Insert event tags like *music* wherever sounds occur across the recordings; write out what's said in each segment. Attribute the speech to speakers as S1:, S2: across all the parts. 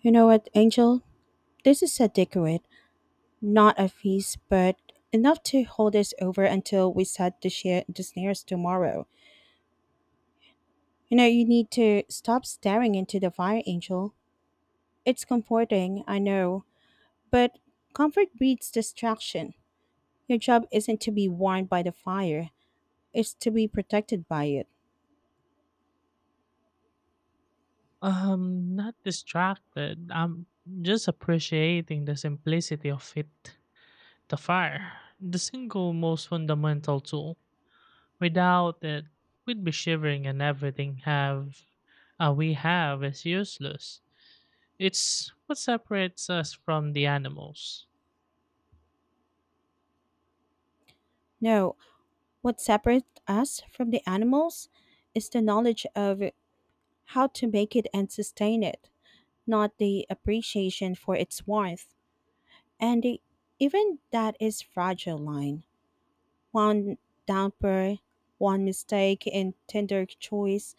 S1: You know what, Angel? This is a decorate, not a feast, but enough to hold us over until we set the snares tomorrow. You know, you need to stop staring into the fire, Angel. It's comforting, I know, but comfort breeds distraction. Your job isn't to be warmed by the fire, it's to be protected by it.
S2: Not distracted. I'm just appreciating the simplicity of it. The fire, the single most fundamental tool. Without it, we'd be shivering, and everything have we have is useless. It's what separates us from the animals.
S1: No, what separates us from the animals is the knowledge of how to make it and sustain it, not the appreciation for its worth, And the, even that is fragile line. One damper, one mistake in tender choice,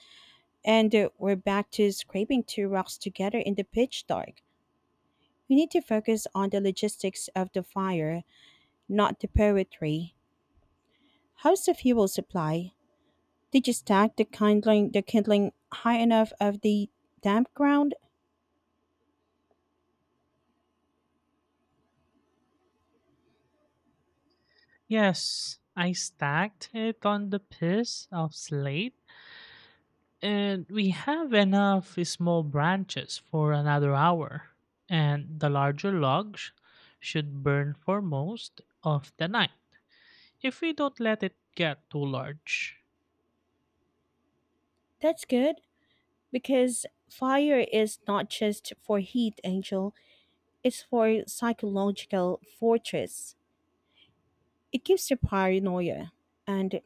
S1: and we're back to scraping two rocks together in the pitch dark. We need to focus on the logistics of the fire, not the poetry. How's the fuel supply? Did you stack the kindling high enough of the damp ground?
S2: Yes, I stacked it on the piece of slate. And we have enough small branches for another hour, and the larger logs should burn for most of the night if we don't let it get too large.
S1: That's good because fire is not just for heat, Angel. It's for psychological fortress. It gives you paranoia, and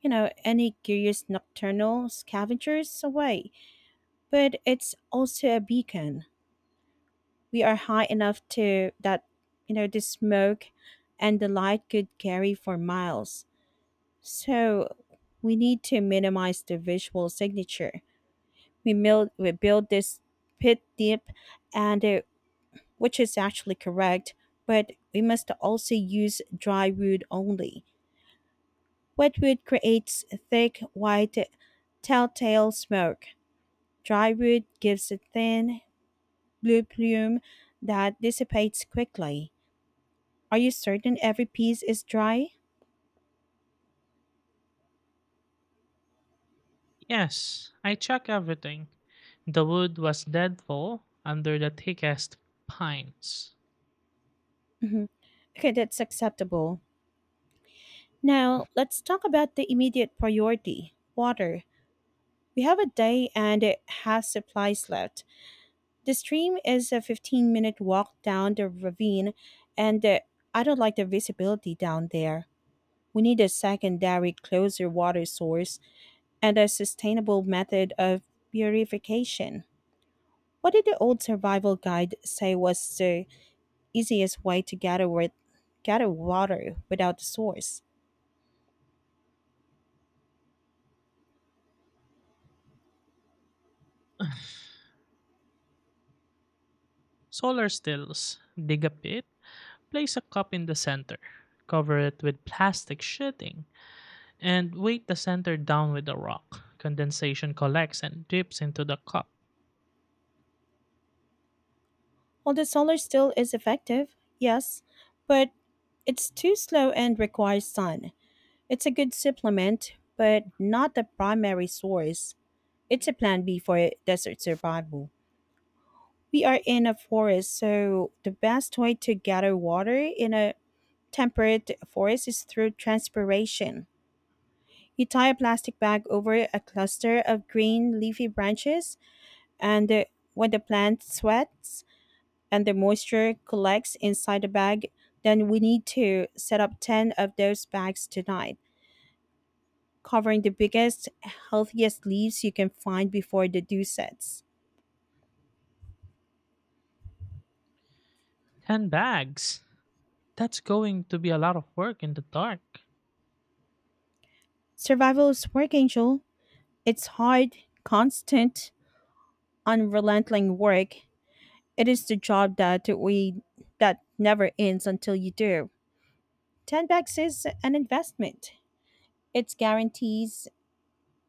S1: you know, any curious nocturnal scavengers away. But it's also a beacon. We are high enough to that, you know, the smoke and the light could carry for miles. So we need to minimize the visual signature. We build this pit deep, and it, which is actually correct, but we must also use dry wood only. Wet wood creates thick, white, telltale smoke. Drywood gives a thin, blue plume that dissipates quickly. Are you certain every piece is dry?
S2: Yes, I checked everything. The wood was deadfall under the thickest pines.
S1: Mhm. Okay, that's acceptable. Now, let's talk about the immediate priority water. We have a day and it has supplies left. The stream is a 15-minute walk down the ravine, and I don't like the visibility down there. We need a secondary, closer water source and a sustainable method of purification. What did the old survival guide say was the easiest way to gather water without the source?
S2: Solar stills, dig a pit, place a cup in the center, cover it with plastic sheeting, and weight the center down with a rock. Condensation collects and drips into the cup.
S1: Well, the solar still is effective, yes, but it's too slow and requires sun. It's a good supplement, but not the primary source. It's a plan B for desert survival. We are in a forest, so the best way to gather water in a temperate forest is through transpiration. You tie a plastic bag over a cluster of green leafy branches, and when the plant sweats and the moisture collects inside the bag, then we need to set up 10 of those bags tonight, covering the biggest, healthiest leaves you can find before the dew sets.
S2: 10 bags. That's going to be a lot of work in the dark.
S1: Survival is work, Angel. It's hard, constant, unrelenting work. It is the job that never ends until you do. 10 bucks is an investment. It guarantees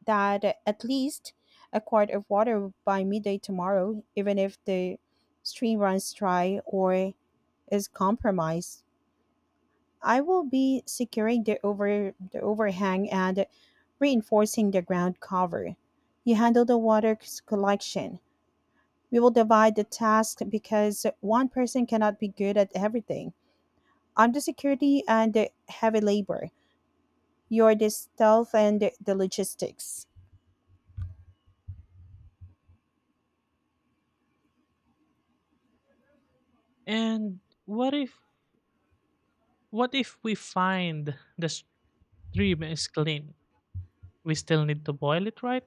S1: that at least a quart of water by midday tomorrow, even if the stream runs dry or is compromised. I will be securing the overhang and reinforcing the ground cover. You handle the collection. We will divide the task because one person cannot be good at everything. I'm the security and the heavy labor. You're the stealth and the logistics.
S2: And what if what if we find the stream is clean? We still need to boil it, right?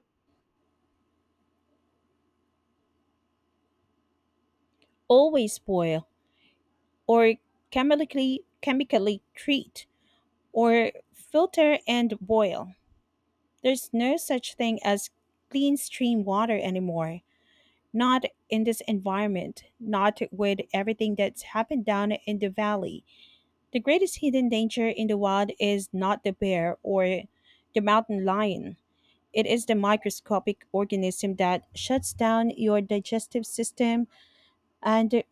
S1: Always boil or chemically treat or filter and boil. There's no such thing as clean stream water anymore. Not in this environment, not with everything that's happened down in the valley. The greatest hidden danger in the wild is not the bear or the mountain lion. It is the microscopic organism that shuts down your digestive system, and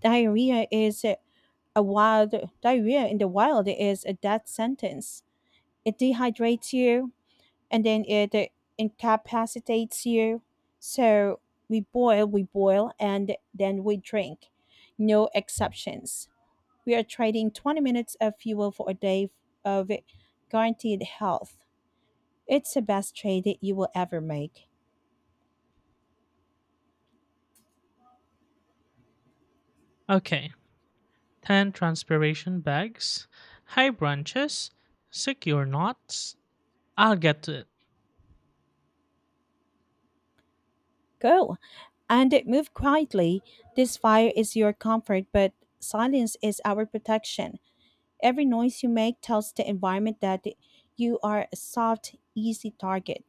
S1: diarrhea is a wild diarrhea in the wild is a death sentence. It dehydrates you, and then it incapacitates you. So we boil, and then we drink. No exceptions. We are trading 20 minutes of fuel for a day of guaranteed health. It's the best trade that you will ever make.
S2: Okay. 10 transpiration bags, high branches, secure knots. I'll get to it.
S1: Go and move quietly. This fire is your comfort, but silence is our protection. Every noise you make tells the environment that you are a soft, easy target.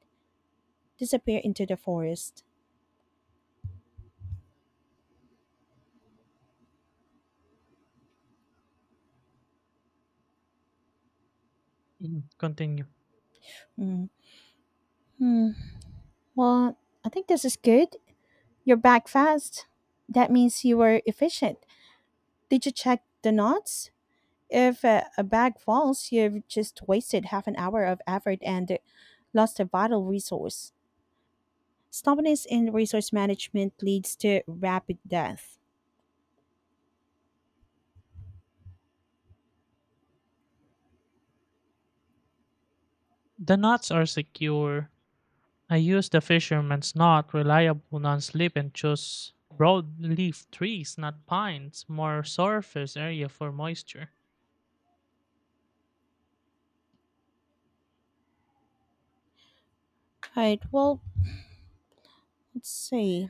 S1: Disappear into the forest.
S2: Mm, continue.
S1: Mm. Hmm. Well, I think this is good. You're back fast. That means you were efficient. Did you check the knots? If a bag falls, you've just wasted half an hour of effort and lost a vital resource. Stubbornness in resource management leads to rapid death.
S2: The knots are secure. I used the fisherman's knot, reliable non slip, and chose broadleaf trees, not pines, more surface area for moisture.
S1: Right. Well, let's see.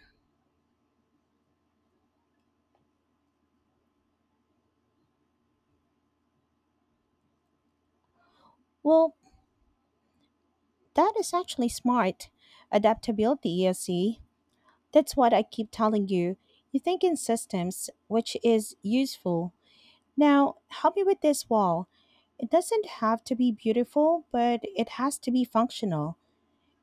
S1: Well, that is actually smart. Adaptability, you see. That's what I keep telling you. You think in systems, which is useful. Now, help me with this wall. It doesn't have to be beautiful, but it has to be functional.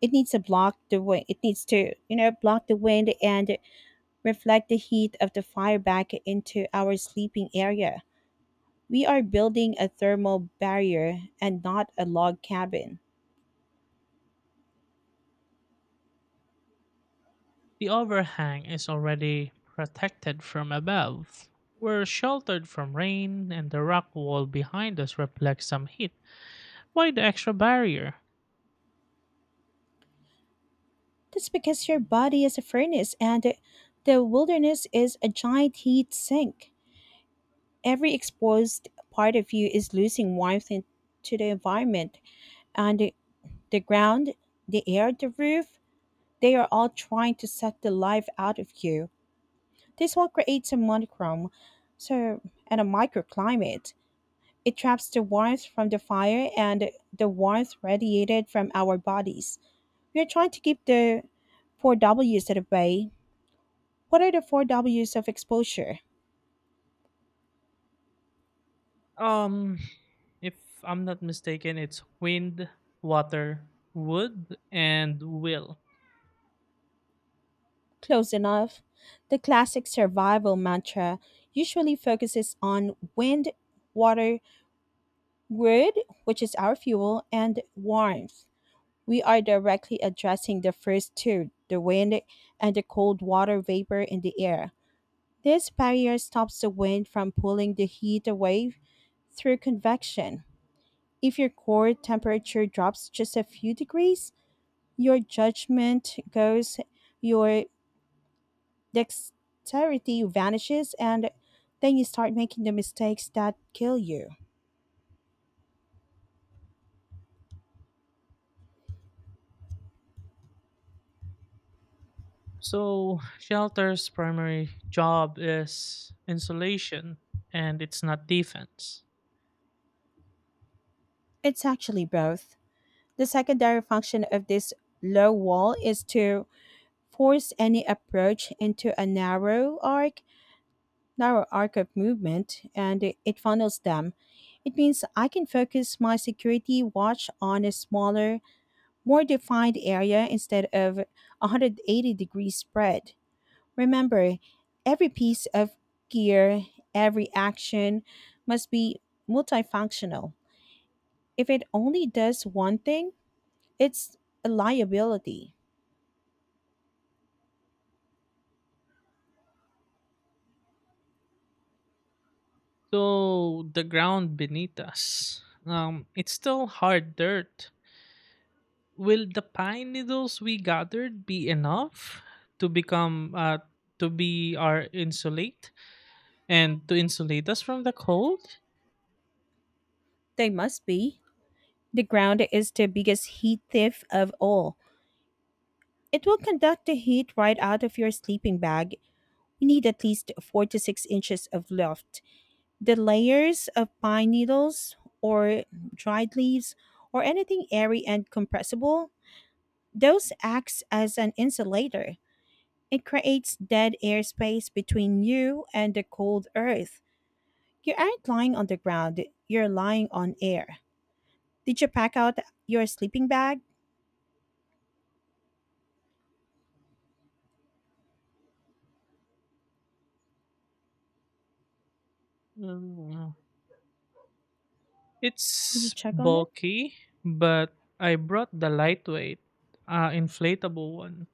S1: It needs to block the wind. It needs to, you know, block the wind and reflect the heat of the fire back into our sleeping area. We are building a thermal barrier and not a log cabin.
S2: The overhang is already protected from above. We're sheltered from rain, and the rock wall behind us reflects some heat. Why the extra barrier?
S1: That's because your body is a furnace and the wilderness is a giant heat sink. Every exposed part of you is losing warmth to the environment and the ground, the air, the roof, they are all trying to suck the life out of you. This will create a monochrome, so and a microclimate. It traps the warmth from the fire and the warmth radiated from our bodies. We are trying to keep the four W's at bay. What are the four W's of exposure?
S2: Um, if I'm not mistaken, it's wind, water, wood, and will.
S1: Close enough. The classic survival mantra usually focuses on wind, water, wood, which is our fuel, and warmth. We are directly addressing the first two the wind and the cold water vapor in the air. This barrier stops the wind from pulling the heat away through convection. If your core temperature drops just a few degrees, your judgment goes, your dexterity vanishes and then you start making the mistakes that kill you.
S2: So, shelter's primary job is insulation and it's not defense.
S1: It's actually both. The secondary function of this low wall is to force any approach into a narrow arc of movement, and it funnels them. It means I can focus my security watch on a smaller, more defined area instead of 180 degree spread. Remember, every piece of gear, every action must be multifunctional. If it only does one thing, it's a liability.
S2: So the ground beneath us, it's still hard dirt. Will the pine needles we gathered be enough to become uh, to be our insulate and to insulate us from the cold?
S1: They must be. The ground is the biggest heat thief of all. It will conduct the heat right out of your sleeping bag. You need at least 4 to 6 inches of loft. The layers of pine needles or dried leaves or anything airy and compressible, those acts as an insulator. It creates dead air space between you and the cold earth. You aren't lying on the ground, you're lying on air. Did you pack out your sleeping bag?
S2: Mm,
S1: Did you
S2: it's
S1: check on it?
S2: bulky, but I brought the lightweight, inflatable one.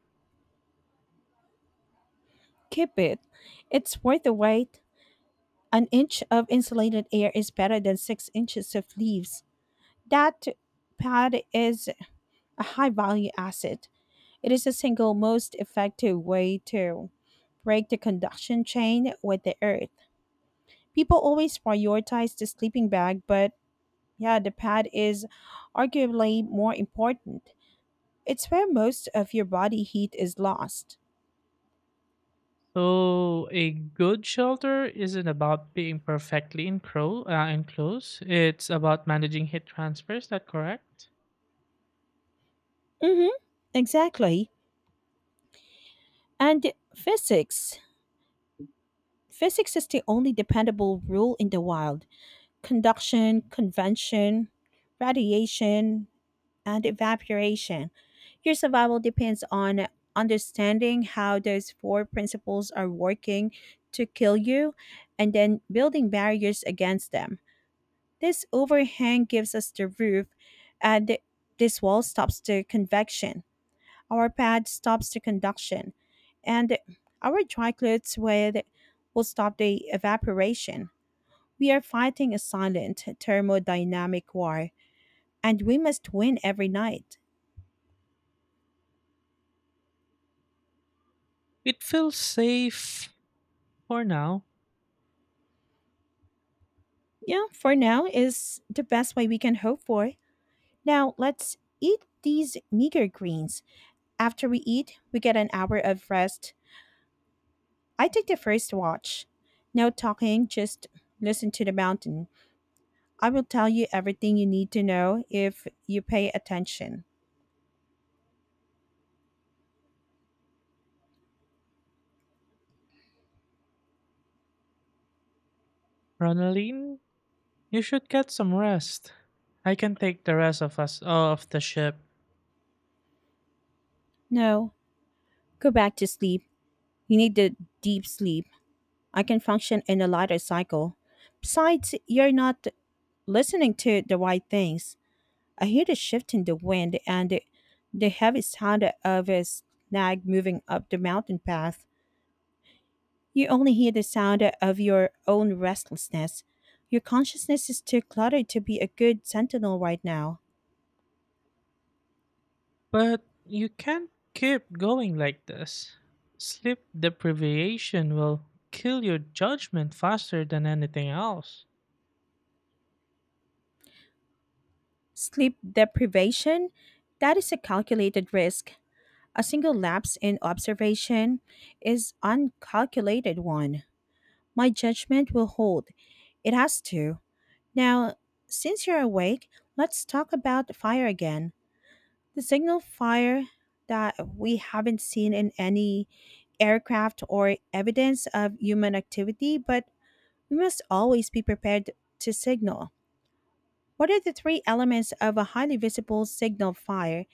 S1: Keep it. It's worth the wait. An inch of insulated air is better than 6 inches of leaves. That pad is a high value asset. It is the single most effective way to break the conduction chain with the earth. People always prioritize the sleeping bag, but yeah, the pad is arguably more important. It's where most of your body heat is lost.
S2: So a good shelter isn't about being perfectly enclosed. It's about managing heat transfer. Is that correct?
S1: Mm-hmm. Exactly. And physics. Physics is the only dependable rule in the wild. Conduction, convention, radiation, and evaporation. Your survival depends on understanding how those four principles are working to kill you and then building barriers against them. This overhang gives us the roof, and this wall stops the convection. Our pad stops the conduction, and our dry clothes with will stop the evaporation. We are fighting a silent thermodynamic war, and we must win every night.
S2: It feels safe for now.
S1: Yeah, for now is the best way we can hope for. Now, let's eat these meager greens. After we eat, we get an hour of rest. I take the first watch. No talking, just listen to the mountain. I will tell you everything you need to know if you pay attention.
S2: Ronaline, you should get some rest. I can take the rest of us off the ship.
S1: No, go back to sleep. You need the deep sleep. I can function in a lighter cycle. Besides, you're not listening to the right things. I hear the shift in the wind and the heavy sound of a snag moving up the mountain path. You only hear the sound of your own restlessness. Your consciousness is too cluttered to be a good sentinel right now.
S2: But you can't keep going like this. Sleep deprivation will kill your judgment faster than anything else.
S1: Sleep deprivation? That is a calculated risk. A single lapse in observation is uncalculated one. My judgment will hold. It has to. Now, since you're awake, let's talk about the fire again. The signal fire that we haven't seen in any aircraft or evidence of human activity, but we must always be prepared to signal. What are the three elements of a highly visible signal fire,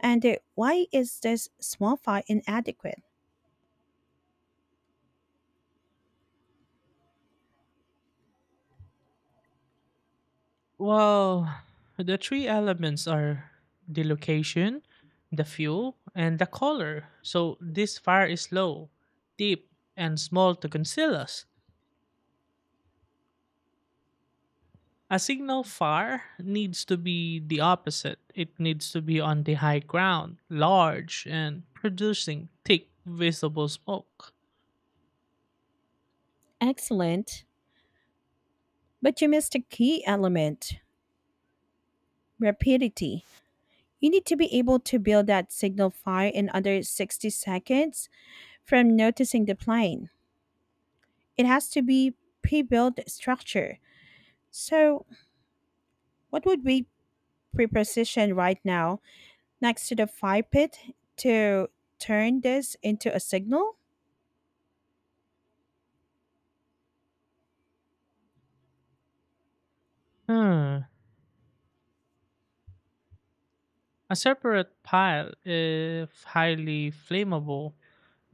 S1: and why is this small fire inadequate?
S2: Well, the three elements are the location, the fuel, and the color. So this fire is low, deep, and small to conceal us. A signal fire needs to be the opposite. It needs to be on the high ground, large, and producing thick, visible smoke.
S1: Excellent. But you missed a key element rapidity. You need to be able to build that signal fire in under 60 seconds from noticing the plane. It has to be pre-built structure. So what would we pre-position right now next to the fire pit to turn this into a signal?
S2: Hmm. A separate pile, if highly flammable,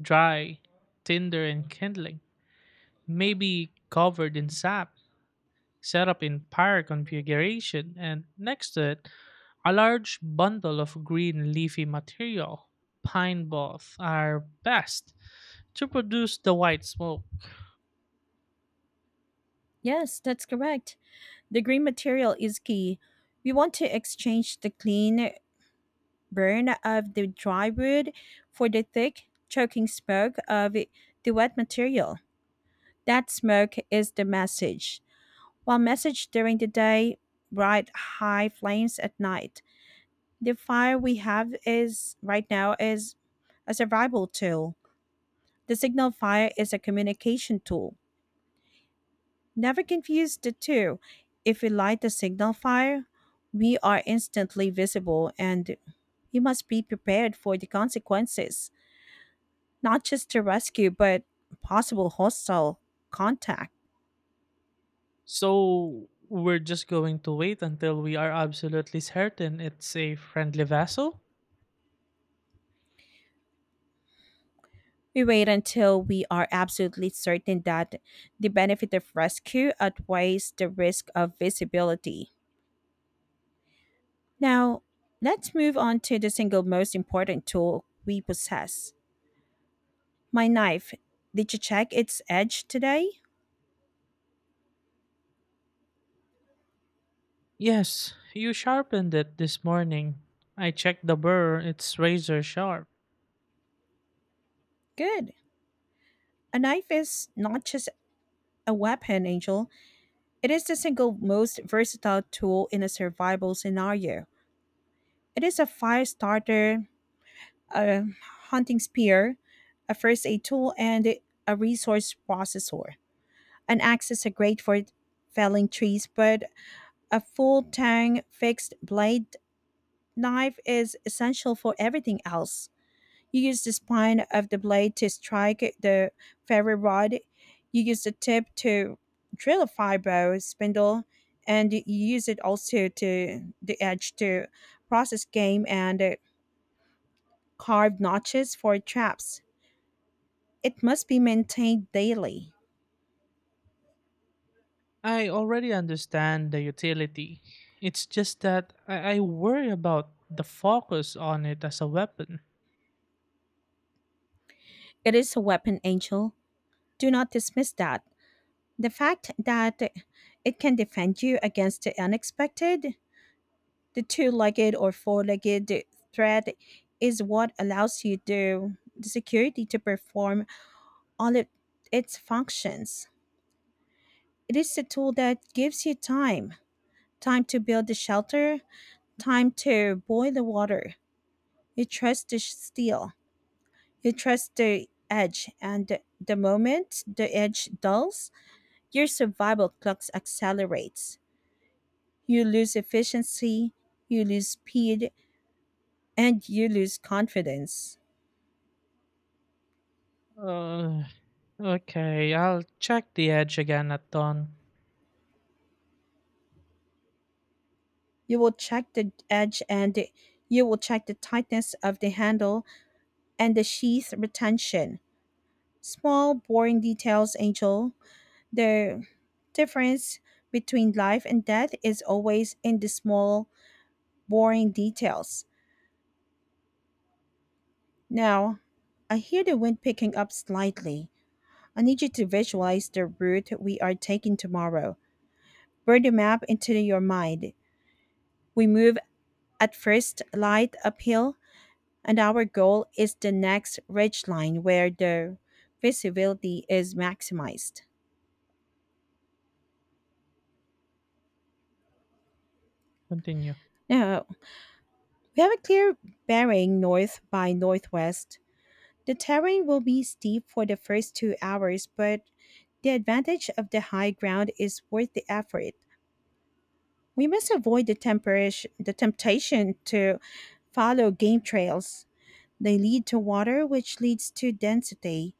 S2: dry, tinder, and kindling. May be covered in sap, set up in pyre configuration, and next to it, a large bundle of green leafy material. Pine both are best to produce the white smoke.
S1: Yes, that's correct. The green material is key. We want to exchange the clean burn of the dry wood for the thick, choking smoke of the wet material. That smoke is the message. While message during the day, bright, high flames at night. The fire we have is right now is a survival tool. The signal fire is a communication tool. Never confuse the two. If we light the signal fire, we are instantly visible and we must be prepared for the consequences, not just the rescue, but possible hostile contact.
S2: So we're just going to wait until we are absolutely certain it's a friendly vessel?
S1: We wait until we are absolutely certain that the benefit of rescue outweighs the risk of visibility. Now, let's move on to the single most important tool we possess, my knife. Did you check its edge today?
S2: Yes, you sharpened it this morning. I checked the burr, it's razor sharp.
S1: Good. A knife is not just a weapon, Angel. It is the single most versatile tool in a survival scenario. It is a fire starter, a hunting spear, a first aid tool, and a resource processor. An axe is great for felling trees, but a full tang fixed blade knife is essential for everything else. You use the spine of the blade to strike the ferro rod, you use the tip to drill a fibro spindle, and you use it also to the edge to process game and carve notches for traps. It must be maintained daily.
S2: I already understand the utility. It's just that I worry about the focus on it as a weapon.
S1: It is a weapon, Angel. Do not dismiss that. The fact that it can defend you against the unexpected, the two legged or four legged threat, is what allows you the security to perform all it, its functions. It is the tool that gives you time, time to build the shelter, time to boil the water. You trust the sh- steel You trust the edge, and the moment the edge dulls, your survival clock accelerates. You lose efficiency, you lose speed, and you lose confidence.
S2: Uh, okay, I'll check the edge again at dawn.
S1: You will check the edge and you will check the tightness of the handle and the sheath retention. Small, boring details, Angel. The difference between life and death is always in the small, boring details. Now, I hear the wind picking up slightly. I need you to visualize the route we are taking tomorrow. Burn the map into your mind. We move at first light uphill, and our goal is the next ridge line where the visibility is maximized.
S2: Continue.
S1: Now, we have a clear bearing north by northwest. The terrain will be steep for the first 2 hours, but the advantage of the high ground is worth the effort. We must avoid the temptation to follow game trails. They lead to water, which leads to density.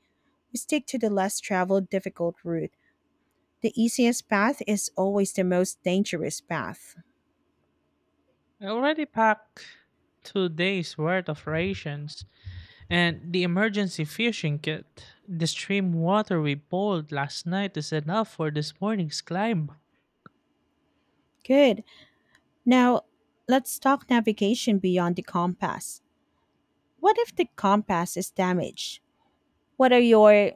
S1: We stick to the less traveled, difficult route. The easiest path is always the most dangerous path.
S2: I already packed 2 days' worth of rations, and the emergency fishing kit, the stream water we boiled last night is enough for this morning's climb.
S1: Good. Now, let's talk navigation beyond the compass. What if the compass is damaged? What are your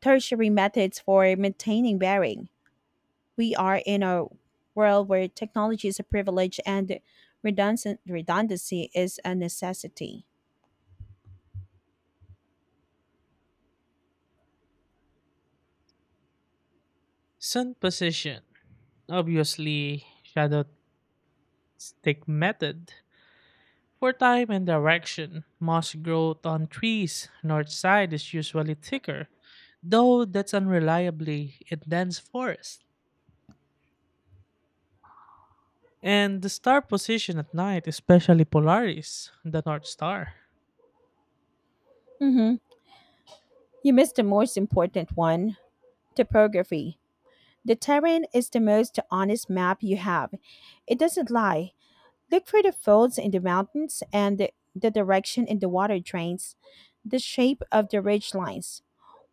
S1: tertiary methods for maintaining bearing? We are in a world where technology is a privilege and redundancy is a necessity.
S2: Sun position, obviously shadow stick method. For time and direction, moss growth on trees, north side is usually thicker, though that's unreliably in dense forest. And the star position at night, especially Polaris, the North Star.
S1: hmm You missed the most important one, topography. The terrain is the most honest map you have. It doesn't lie. Look for the folds in the mountains and the direction in the water drains, the shape of the ridge lines.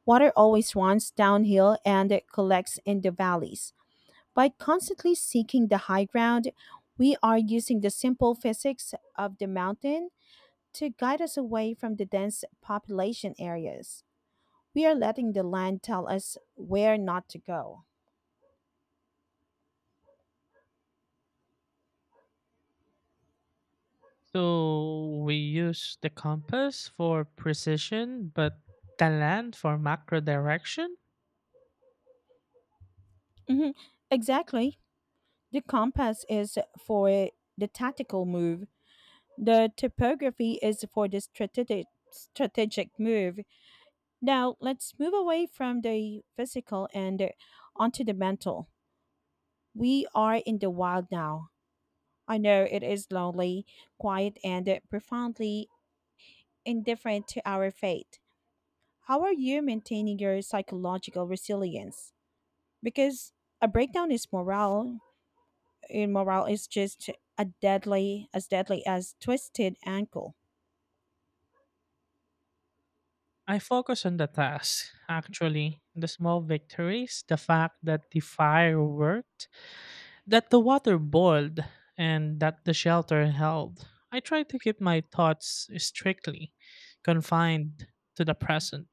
S1: Water always runs downhill and it collects in the valleys. By constantly seeking the high ground, we are using the simple physics of the mountain to guide us away from the dense population areas. We are letting the land tell us where not to go.
S2: So we use the compass for precision, but the land for macro direction.
S1: Mhm, exactly. The compass is for the tactical move. The topography is for the strategic move. Now let's move away from the physical and onto the mental. We are in the wild now. I know it is lonely, quiet, and profoundly indifferent to our fate. How are you maintaining your psychological resilience? Because a breakdown is morale immoral is just a deadly as twisted ankle.
S2: I focus on the task, actually, the small victories, the fact that the fire worked, that the water boiled, and that the shelter held. I try to keep my thoughts strictly confined to the present.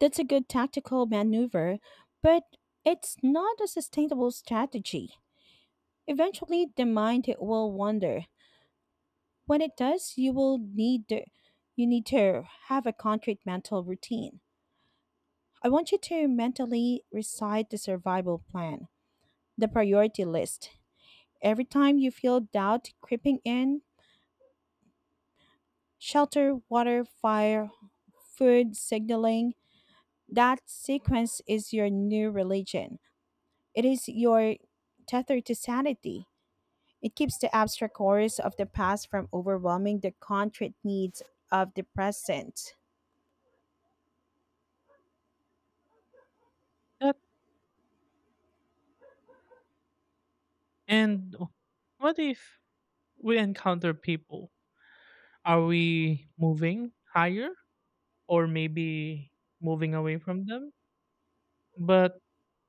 S1: That's a good tactical maneuver, but it's not a sustainable strategy. Eventually the mind will wander. When it does, you need to have a concrete mental routine. I want you to mentally recite the survival plan, the priority list. Every time you feel doubt creeping in, shelter, water, fire, food signaling, that sequence is your new religion. It is your tether to sanity. It keeps the abstract horrors of the past from overwhelming the concrete needs of the present.
S2: That and what if we encounter people? Are we moving higher or maybe moving away from them. But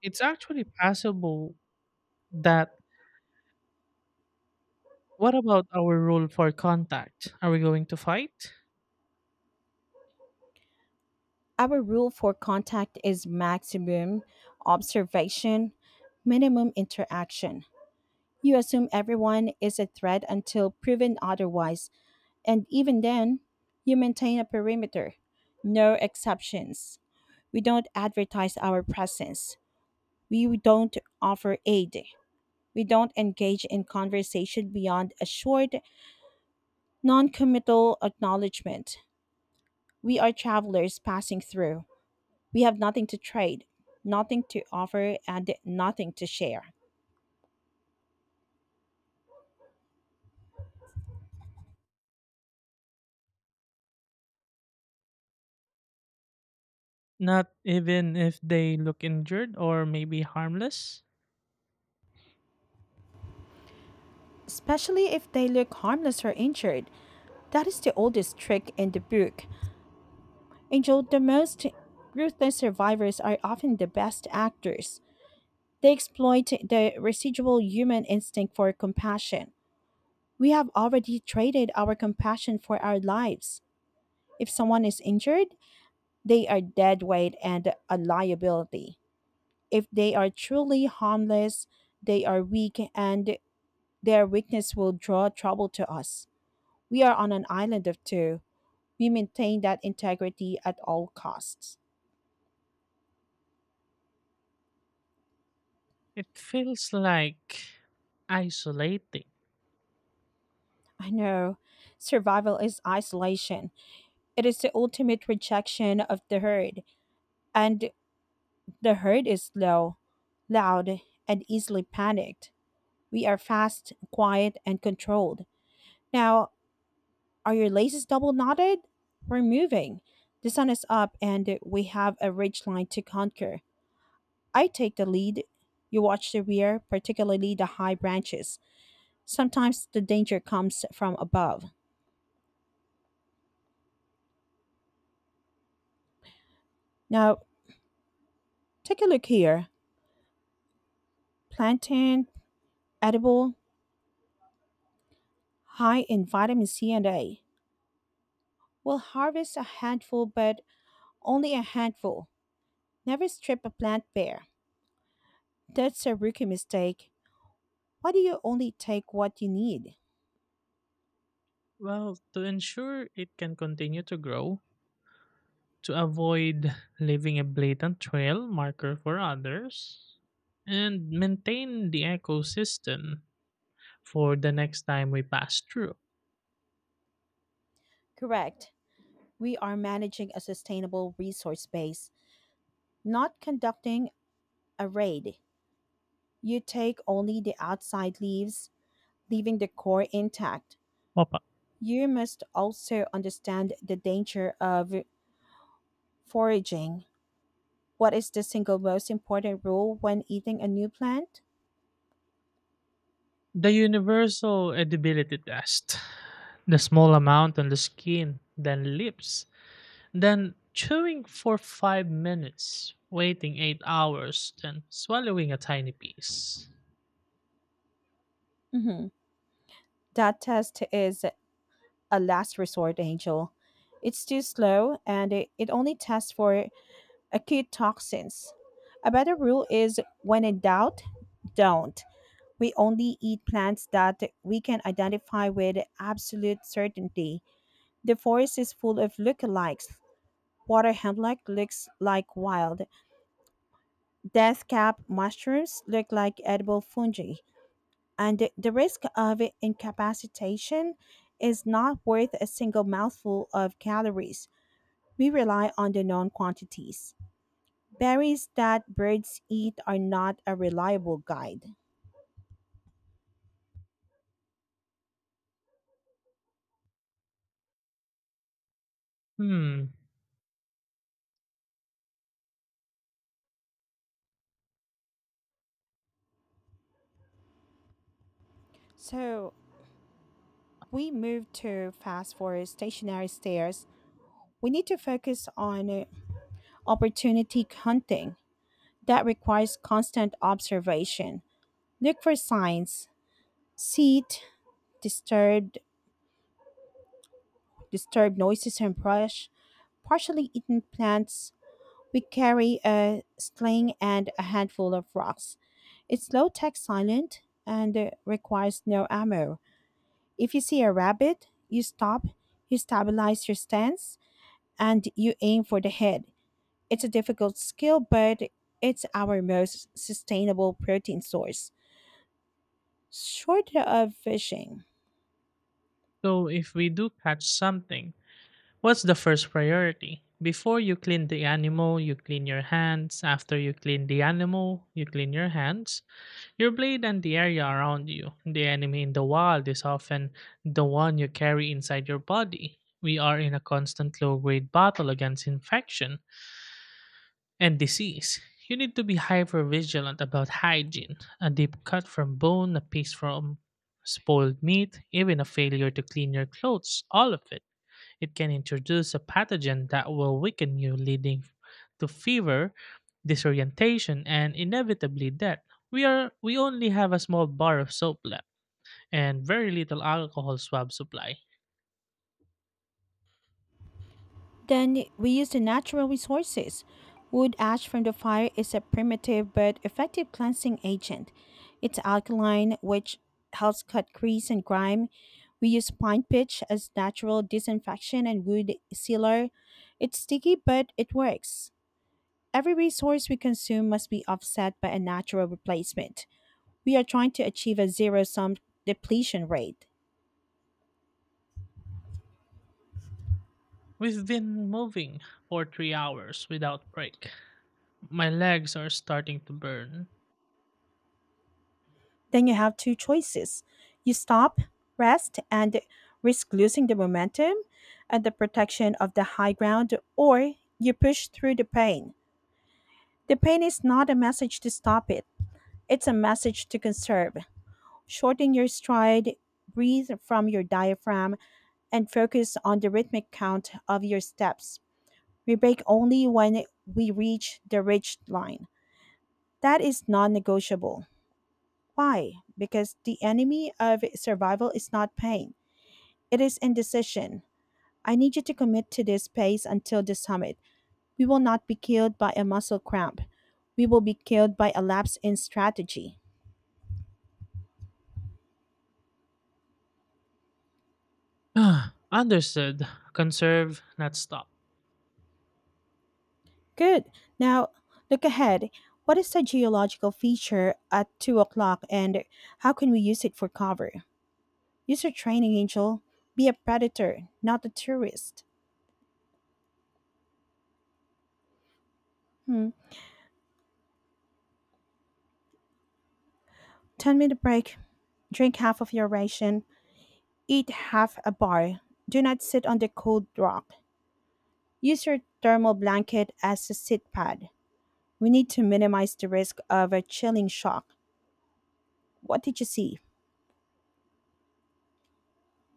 S2: it's actually possible that what about our rule for contact? Are we going to fight?
S1: Our rule for contact is maximum observation, minimum interaction. You assume everyone is a threat until proven otherwise, and even then, you maintain a perimeter, no exceptions. We don't advertise our presence. We don't offer aid. We don't engage in conversation beyond a short, non committal acknowledgement. We are travelers passing through. We have nothing to trade, nothing to offer, and nothing to share.
S2: Not even if they look injured or maybe harmless?
S1: Especially if they look harmless or injured. That is the oldest trick in the book. Angel, the most ruthless survivors are often the best actors. They exploit the residual human instinct for compassion. We have already traded our compassion for our lives. If someone is injured, they are dead weight and a liability. If they are truly harmless, they are weak and their weakness will draw trouble to us. We are on an island of two. We maintain that integrity at all costs.
S2: It feels like isolating.
S1: I know. Survival is isolation. It is the ultimate rejection of the herd. And the herd is loud, and easily panicked. We are fast, quiet, and controlled. Now, are your laces double knotted? We're moving. The sun is up, and we have a ridge line to conquer. I take the lead. You watch the rear, particularly the high branches. Sometimes the danger comes from above. Now, take a look here. Plantain, edible, high in vitamin C and A. We'll harvest a handful, but only a handful. Never strip a plant bare. That's a rookie mistake. Why do you only take what you need?
S2: Well, to ensure it can continue to grow, to avoid leaving a blatant trail marker for others, and maintain the ecosystem for the next time we pass through.
S1: Correct. We are managing a sustainable resource base, not conducting a raid. You take only the outside leaves, leaving the core intact.
S2: Opa.
S1: You must also understand the danger of foraging. What is the single most important rule when eating a new plant?
S2: The universal edibility test. The small amount on the skin, then lips, then chewing for 5 minutes, waiting 8 hours, then swallowing a tiny piece.
S1: Mhm. That test is a last resort, Angel. It's too slow and it only tests for acute toxins. A better rule is when in doubt, don't. We only eat plants that we can identify with absolute certainty. The forest is full of lookalikes. Water hemlock looks like wild. Death cap mushrooms look like edible fungi. And the risk of incapacitation is not worth a single mouthful of calories. We rely on the known quantities. Berries that birds eat are not a reliable guide.
S2: Hmm.
S1: So we move to fast forward stationary stairs. We need to focus on opportunity hunting that requires constant observation. Look for signs, seed, disturbed, disturbed noises and brush, partially eaten plants. We carry a sling and a handful of rocks. It's low tech silent and requires no ammo. If you see a rabbit, you stop, you stabilize your stance, and you aim for the head. It's a difficult skill, but it's our most sustainable protein source, short of fishing.
S2: So if we do catch something, what's the first priority? Before you clean the animal, you clean your hands. After you clean the animal, you clean your hands. Your blade and the area around you. The enemy in the wild is often the one you carry inside your body. We are in a constant low grade battle against infection and disease. You need to be hyper vigilant about hygiene. A deep cut from bone, a piece from spoiled meat, even a failure to clean your clothes, all of it. It can introduce a pathogen that will weaken you, leading to fever, disorientation, and inevitably death. We are we only have a small bar of soap left and very little alcohol swab supply.
S1: Then we use the natural resources. Wood ash from the fire is a primitive but effective cleansing agent. It's alkaline, which helps cut grease and grime. We use pine pitch as natural disinfection and wood sealer. It's sticky, but it works. Every resource we consume must be offset by a natural replacement. We are trying to achieve a zero sum depletion rate.
S2: We've been moving for 3 hours without break. My legs are starting to burn. *sighs*
S1: Then you have two choices. You stop, rest, and risk losing the momentum and the protection of the high ground, or you push through the pain. The pain is not a message to stop it, it's a message to conserve. Shorten your stride, breathe from your diaphragm, and focus on the rhythmic count of your steps. We break only when we reach the ridge line. That is non negotiable. Why? Because the enemy of survival is not pain, it is indecision. I need you to commit to this pace until the summit. We will not be killed by a muscle cramp. We will be killed by a lapse in strategy.
S2: Ah, understood. Conserve, not stop.
S1: Good. Now, look ahead. What is the geological feature at 2 o'clock and how can we use it for cover? Use your training, Angel. Be a predator, not a tourist. Hmm. 10-minute break. Drink half of your ration. Eat half a bar. Do not sit on the cold rock. Use your thermal blanket as a sit pad. We need to minimize the risk of a chilling shock. What did you see?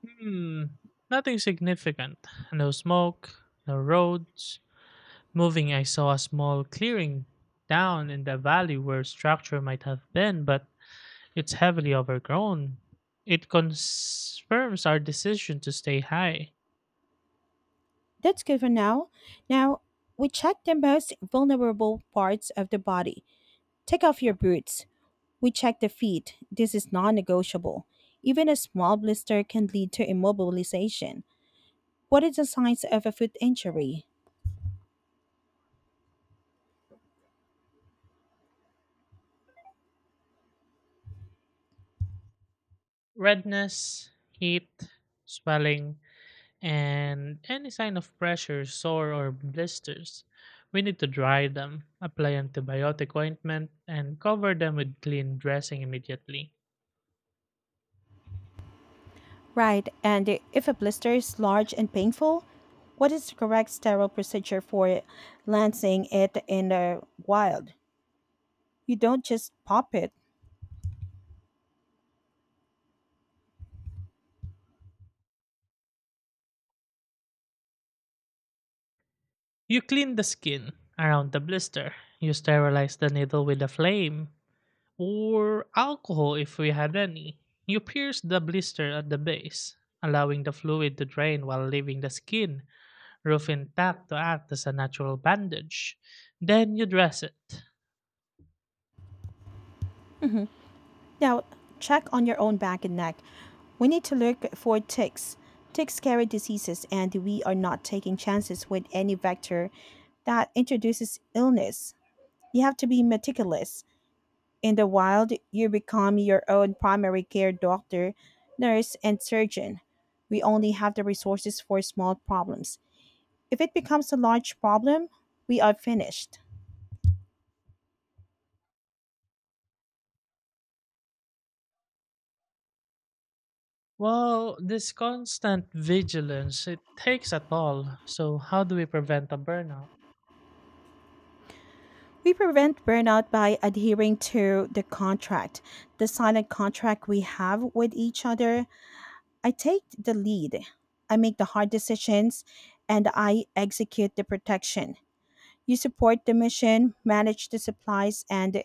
S2: Hmm. Nothing significant. No smoke, no roads, moving, I saw a small clearing down in the valley where structure might have been, but it's heavily overgrown. It confirms our decision to stay high.
S1: That's good for now. Now, we check the most vulnerable parts of the body. Take off your boots. We check the feet. This is non negotiable. Even a small blister can lead to immobilization. What is the signs of a foot injury?
S2: Redness, heat, swelling, and any sign of pressure, sore, or blisters. We need to dry them, apply antibiotic ointment, and cover them with clean dressing immediately.
S1: Right, and if a blister is large and painful, what is the correct sterile procedure for lancing it in the wild? You don't just pop it.
S2: You clean the skin around the blister. You sterilize the needle with a flame. Pour alcohol if we had any. You pierce the blister at the base, allowing the fluid to drain while leaving the skin, roof intact to act as a natural bandage. Then you dress it.
S1: Now, check on your own back and neck. We need to look for ticks. Ticks carry diseases, and we are not taking chances with any vector that introduces illness. You have to be meticulous. In the wild, you become your own primary care doctor, nurse, and surgeon. We only have the resources for small problems. If it becomes a large problem, we are finished.
S2: Well, this constant vigilance, it takes a toll. So, how do we prevent a burnout?
S1: We prevent burnout by adhering to the contract, the silent contract we have with each other. I take the lead, I make the hard decisions, and I execute the protection. You support the mission, manage the supplies, and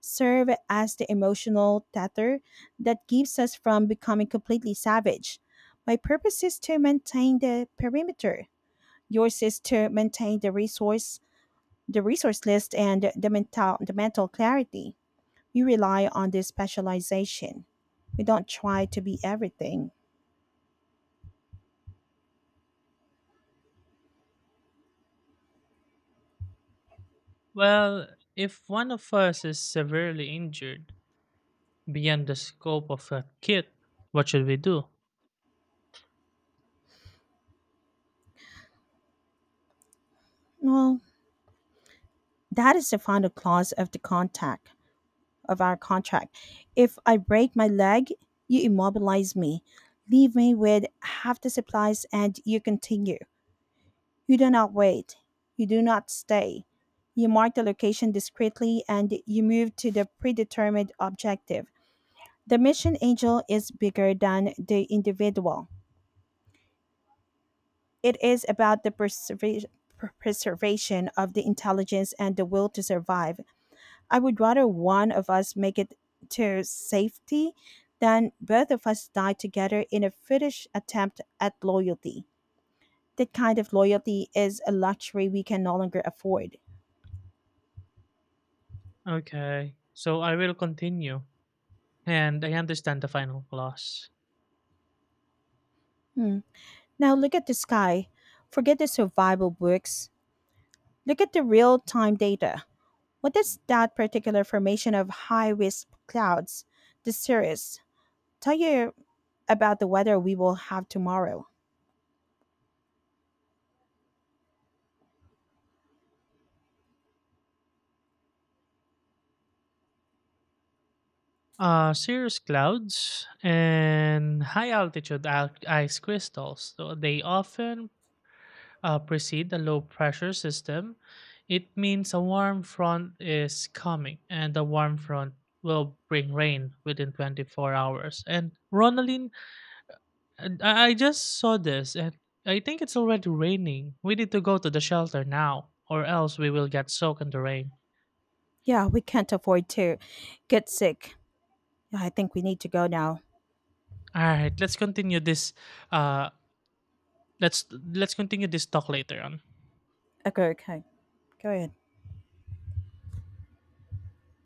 S1: serve as the emotional tether that keeps us from becoming completely savage. My purpose is to maintain the perimeter. Yours is to maintain the resource list, and the mental clarity. We rely on this specialization. We don't try to be everything.
S2: Well, if one of us is severely injured beyond the scope of a kit, what should we do?
S1: Well, that is the final clause of the contact of our contract. If I break my leg, you immobilize me. Leave me with half the supplies and you continue. You do not wait. You do not stay. You mark the location discreetly and you move to the predetermined objective. The mission angel is bigger than the individual. It is about the preservation of the intelligence and the will to survive. I would rather one of us make it to safety than both of us die together in a foolish attempt at loyalty. That kind of loyalty is a luxury we can no longer afford.
S2: Okay, so I will continue. And I understand the final clause.
S1: Hmm. Now look at the sky. Forget the survival books. Look at the real time data. What does that particular formation of high risk clouds, the cirrus, tell you about the weather we will have tomorrow?
S2: Cirrus clouds and high altitude ice crystals. So they often precede a low pressure system. It means a warm front is coming, and the warm front will bring rain within 24 hours. And Ronaline, and I just saw this, and I think it's already raining. We need to go to the shelter now, or else we will get soaked in the rain.
S1: Yeah, we can't afford to get sick. Yeah, I think we need to go now.
S2: All right, let's continue this uh, let's continue this talk later on.
S1: Okay, okay. Go ahead.